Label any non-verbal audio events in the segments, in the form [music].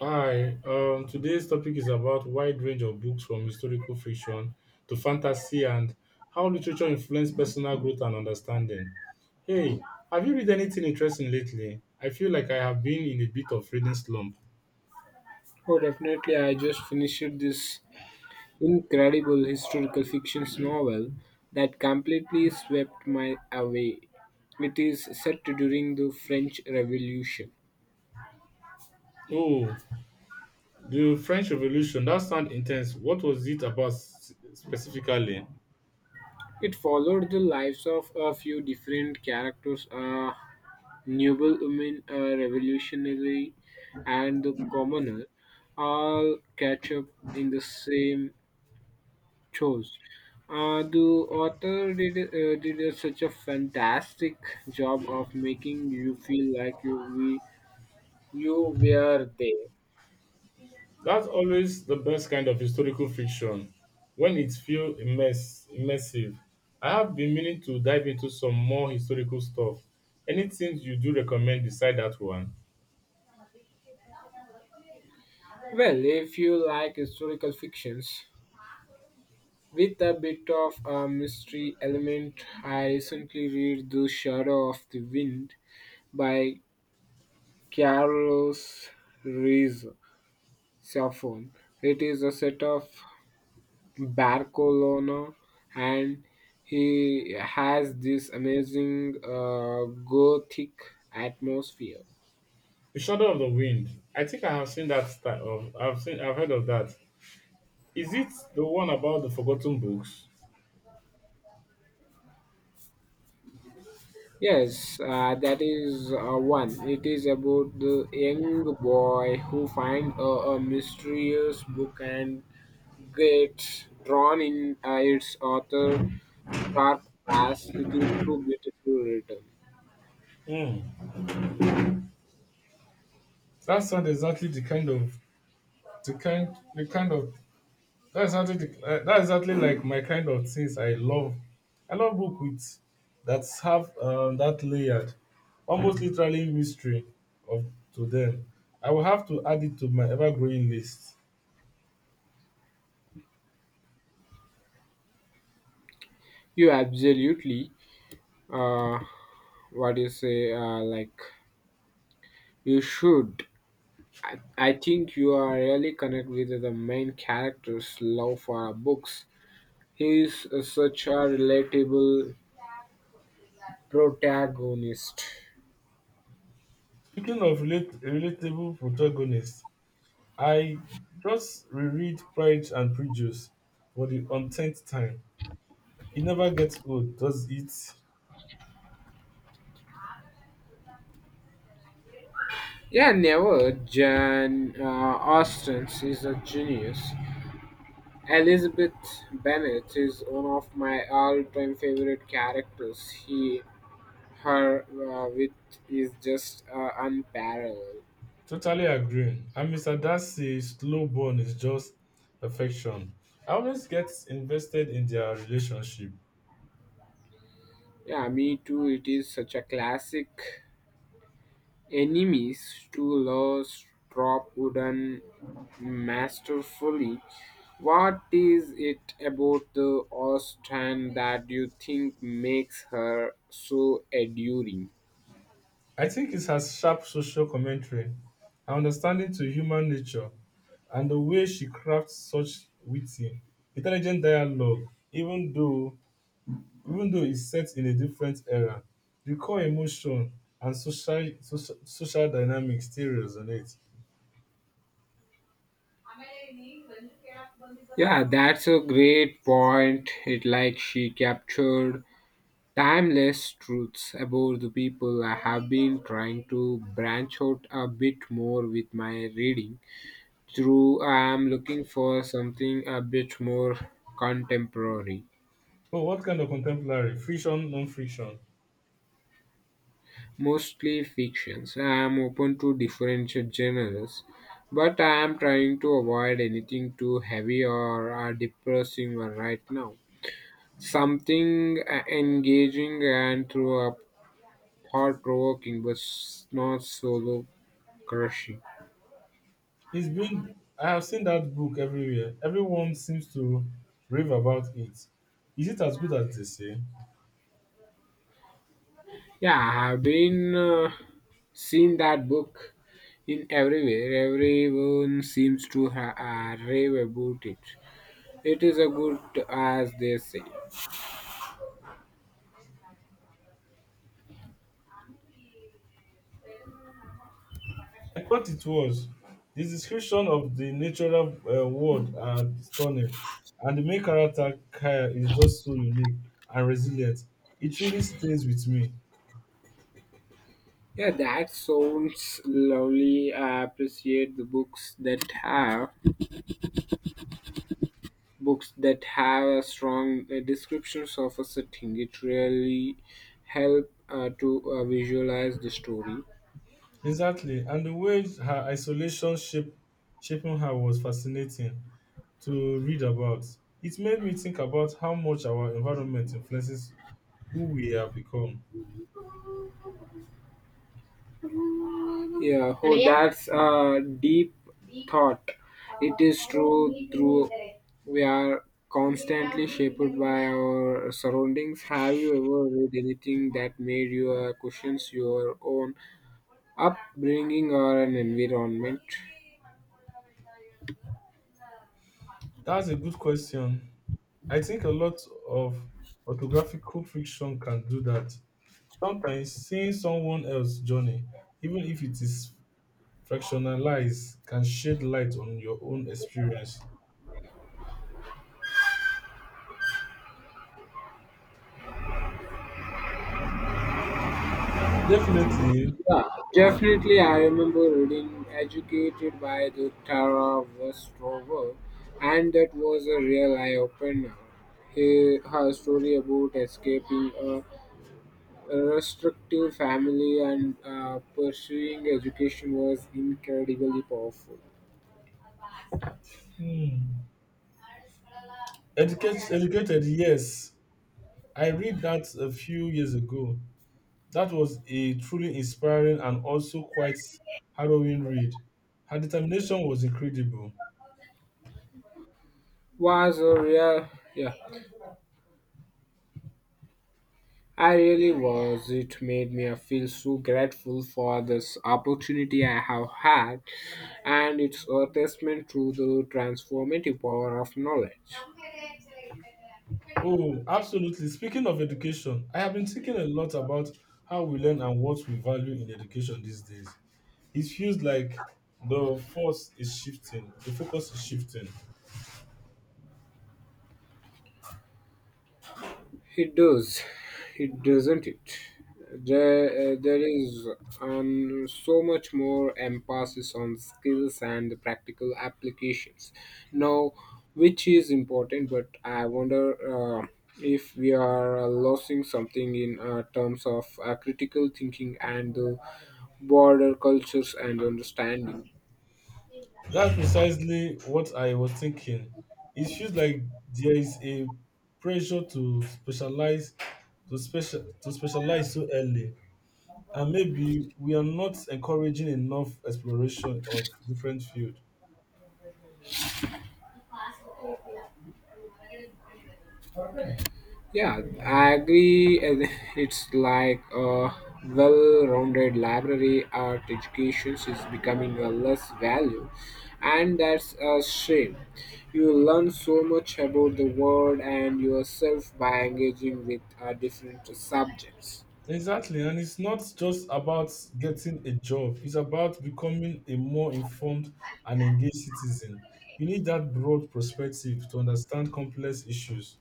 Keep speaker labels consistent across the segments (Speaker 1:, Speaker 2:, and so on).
Speaker 1: Hi, today's topic is about wide range of books from historical fiction to fantasy and how literature influences personal growth and understanding. Hey, have you read anything interesting lately? I feel like I have been in a bit of reading slump.
Speaker 2: Oh, definitely. I just finished this incredible historical fiction novel that completely swept my away. It is set during the French Revolution.
Speaker 1: Oh, the French Revolution, that sounds intense. What was it about specifically?
Speaker 2: It followed the lives of a few different characters, a noblewoman, a revolutionary, and the commoner, all catch up in the same chose. The author did such a fantastic job of making you feel like you were there.
Speaker 1: That's always the best kind of historical fiction when it feels immersive. I have been meaning to dive into some more historical stuff. Anything you do recommend beside that one?
Speaker 2: Well, if you like historical fictions with a bit of a mystery element, I recently read *The Shadow of the Wind* by Carlos Ruiz Zafón. It is a set of Barcelona, and he has this amazing gothic atmosphere.
Speaker 1: The Shadow of the Wind. I think I've heard of that. Is it the one about the forgotten books?
Speaker 2: Yes, that is one. It is about the young boy who finds a mysterious book and gets drawn in its author' dark past. It is so beautifully written.
Speaker 1: Hmm. That sounds exactly the kind of That's exactly that's exactly like my kind of things I love. I love book with that have that layered, almost literally mystery of to them. I will have to add it to my ever-growing list.
Speaker 2: You absolutely, uh, what do you say, you should. I think you are really connect with the main character's love for books. He is such a relatable protagonist.
Speaker 1: Speaking of relatable protagonists, I just reread Pride and Prejudice for the untenth time. It never gets old, does it?
Speaker 2: Yeah, never. Jan Austen is a genius. Elizabeth Bennet is one of my all-time favorite characters. Her, wit is just unparalleled.
Speaker 1: Totally agree. And Mr. Darcy's slow burn is just perfection. I always get invested in their relationship.
Speaker 2: Yeah, me too. It is such a classic. Enemies to laws drop wooden masterfully. What is it about the Austen that you think makes her so enduring?
Speaker 1: I think it has sharp social commentary, her understanding to human nature, and the way she crafts such witty, intelligent dialogue, even though it's set in a different era. The core emotion and social dynamics still resonate.
Speaker 2: Yeah, that's a great point. It like she captured timeless truths about the people. I have been trying to branch out a bit more with my reading. True, I am looking for something a bit more contemporary,
Speaker 1: But what kind of contemporary? Friction, non-friction?
Speaker 2: mostly fictions. I am open to different genres, but I am trying to avoid anything too heavy or depressing right now. Something engaging and through a thought provoking, but not solo crushing.
Speaker 1: It's been I have seen that book everywhere. Everyone seems to rave about it. Is it as good as they say?
Speaker 2: Yeah, I have been seen that book in everywhere. Everyone seems to rave about it. It is a good as they say.
Speaker 1: I thought it was. The description of the natural world are stunning, and the main character Kaya is just so unique and resilient. It really stays with me.
Speaker 2: Yeah, that sounds lovely. I appreciate the books that have a strong descriptions of a setting. It really help to visualize the story.
Speaker 1: Exactly, and the way her shaping her was fascinating to read about. It made me think about how much our environment influences who we have become.
Speaker 2: Yeah, oh, that's a deep thought. It is true, through we are constantly shaped by our surroundings. Have you ever read anything that made you question your own upbringing or an environment?
Speaker 1: That's a good question. I think a lot of orthographical friction can do that. Sometimes seeing someone else's journey, even if it is fractionalized, can shed light on your own experience. Definitely.
Speaker 2: Yeah, definitely. I remember reading Educated by the Tara Westover, and that was a real eye opener. Her story about escaping a restrictive family and pursuing education was incredibly powerful.
Speaker 1: Hmm. Educated, yes. I read that a few years ago. That was a truly inspiring and also quite harrowing read. Her determination was incredible.
Speaker 2: Was a real, yeah. I really was. It made me feel so grateful for this opportunity I have had, and it's a testament to the transformative power of knowledge.
Speaker 1: Oh, absolutely. Speaking of education, I have been thinking a lot about how we learn and what we value in education these days. It feels like the focus is shifting.
Speaker 2: It does, it doesn't it? There is so much more emphasis on skills and practical applications now, which is important. But I wonder if we are losing something in terms of critical thinking and the broader cultures and understanding.
Speaker 1: That's precisely what I was thinking. It feels like there is a pressure to specialize, to specialize so early, and maybe we are not encouraging enough exploration of different fields.
Speaker 2: Yeah, I agree. And [laughs] it's like a well-rounded library. Art education is becoming a less value, and that's a shame. You learn so much about the world and yourself by engaging with different subjects.
Speaker 1: Exactly, and it's not just about getting a job, it's about becoming a more informed and engaged citizen. You need that broad perspective to understand complex issues.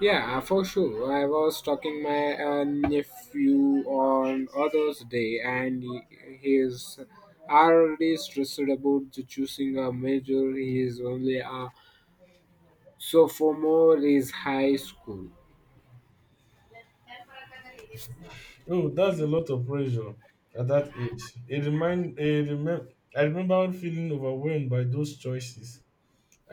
Speaker 2: Yeah, for sure. I was talking my nephew on others day, and he is already stressed about to choosing a major. He is only a So sophomore is high school.
Speaker 1: Oh, that's a lot of pressure at that age. It remind, it remem- I remember feeling overwhelmed by those choices.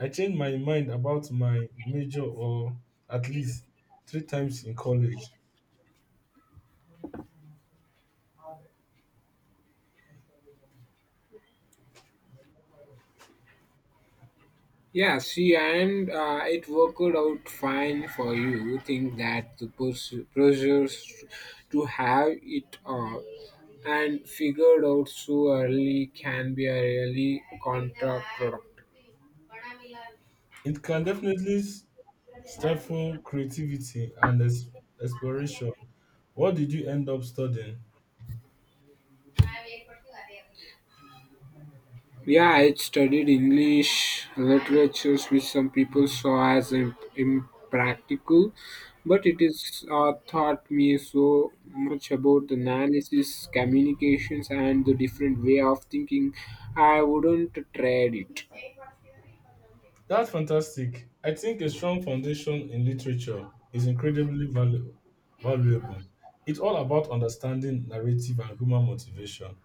Speaker 1: I changed my mind about my major or at least three times in college.
Speaker 2: Yeah, see, and it worked out fine for you. Think that the pressures to have it all and figured out so early can be a really counterproductive.
Speaker 1: It can definitely stifle creativity and exploration. What did you end up studying?
Speaker 2: Yeah, I studied English literatures, which some people saw as impractical, but it is taught me so much about analysis, communications, and the different way of thinking. I wouldn't trade it.
Speaker 1: That's fantastic. I think a strong foundation in literature is incredibly valuable. It's all about understanding narrative and human motivation.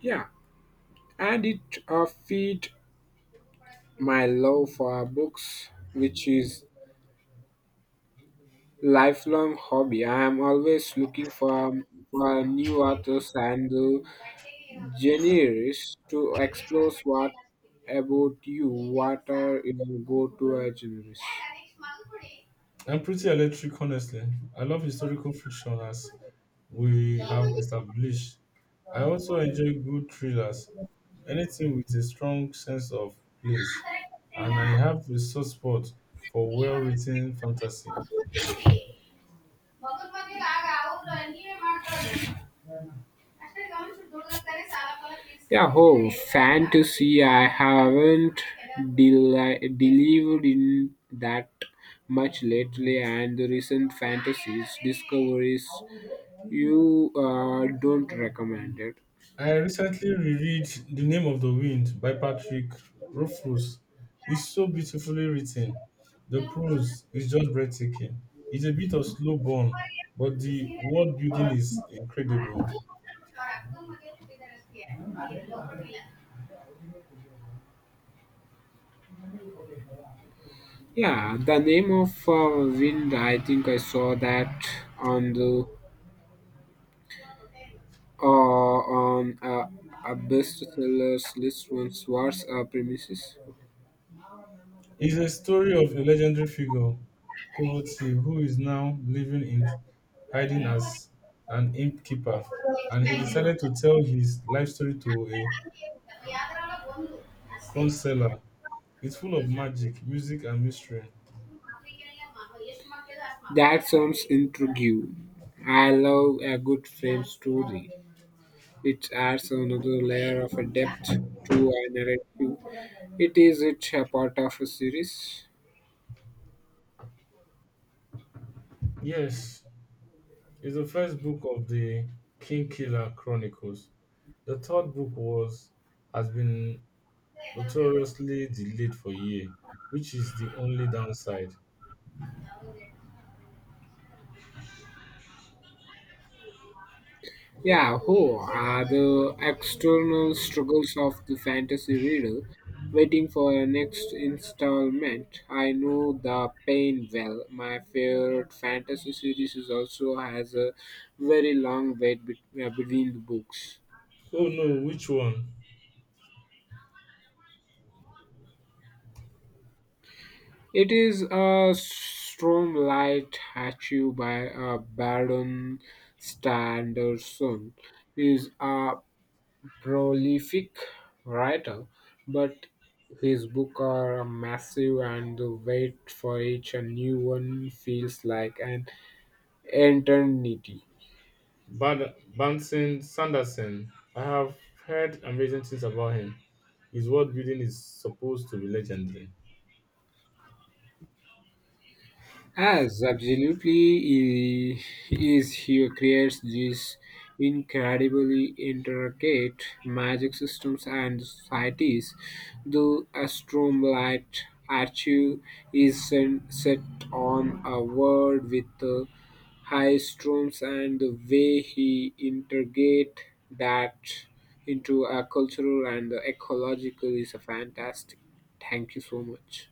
Speaker 2: Yeah, and it feed my love for books, which is lifelong hobby. I am always looking for new authors and genres to explore. What about you? What are your go-to genres?
Speaker 1: I'm pretty electric, honestly. I love historical fiction as we have established. I also enjoy good thrillers, anything with a strong sense of place, and I have a soft spot for well written fantasy.
Speaker 2: Yeah, oh, fantasy. I haven't delivered in that much lately, and the recent fantasies discoveries you don't recommend it.
Speaker 1: I recently reread The Name of the Wind by Patrick Rothfuss. It's so beautifully written. The prose is just breathtaking. It's a bit of slow burn, but the world building is incredible.
Speaker 2: Yeah, the name of wind. I think I saw that on the on a bestsellers list once. What's premises?
Speaker 1: It's a story of a legendary figure, Kovacev, who is now living in hiding as an innkeeper, and he decided to tell his life story to a crown seller. It's full of magic, music, and mystery.
Speaker 2: That sounds intriguing. I love a good frame story. It adds another layer of a depth to a narrative. It is it a part of a series?
Speaker 1: Yes, it's the first book of the King Killer Chronicles. The third book was has been notoriously delayed for a year, which is the only downside.
Speaker 2: Yeah, who are the external struggles of the fantasy reader waiting for a next installment? I know the pain well. My favorite fantasy series is also has a very long wait between the books.
Speaker 1: Oh no, which one?
Speaker 2: It is a strong light achieved by Baron Sanderson. Is a prolific writer, but his books are massive and the wait for each a new one feels like an eternity.
Speaker 1: Bad Banson Sanderson, I have heard amazing things about him. His world building is supposed to be legendary.
Speaker 2: As absolutely I- is he creates these incredibly intricate magic systems and societies. The Astromlight Archive is set on a world with the high storms and the way he integrate that into a cultural and ecological is a fantastic. Thank you so much.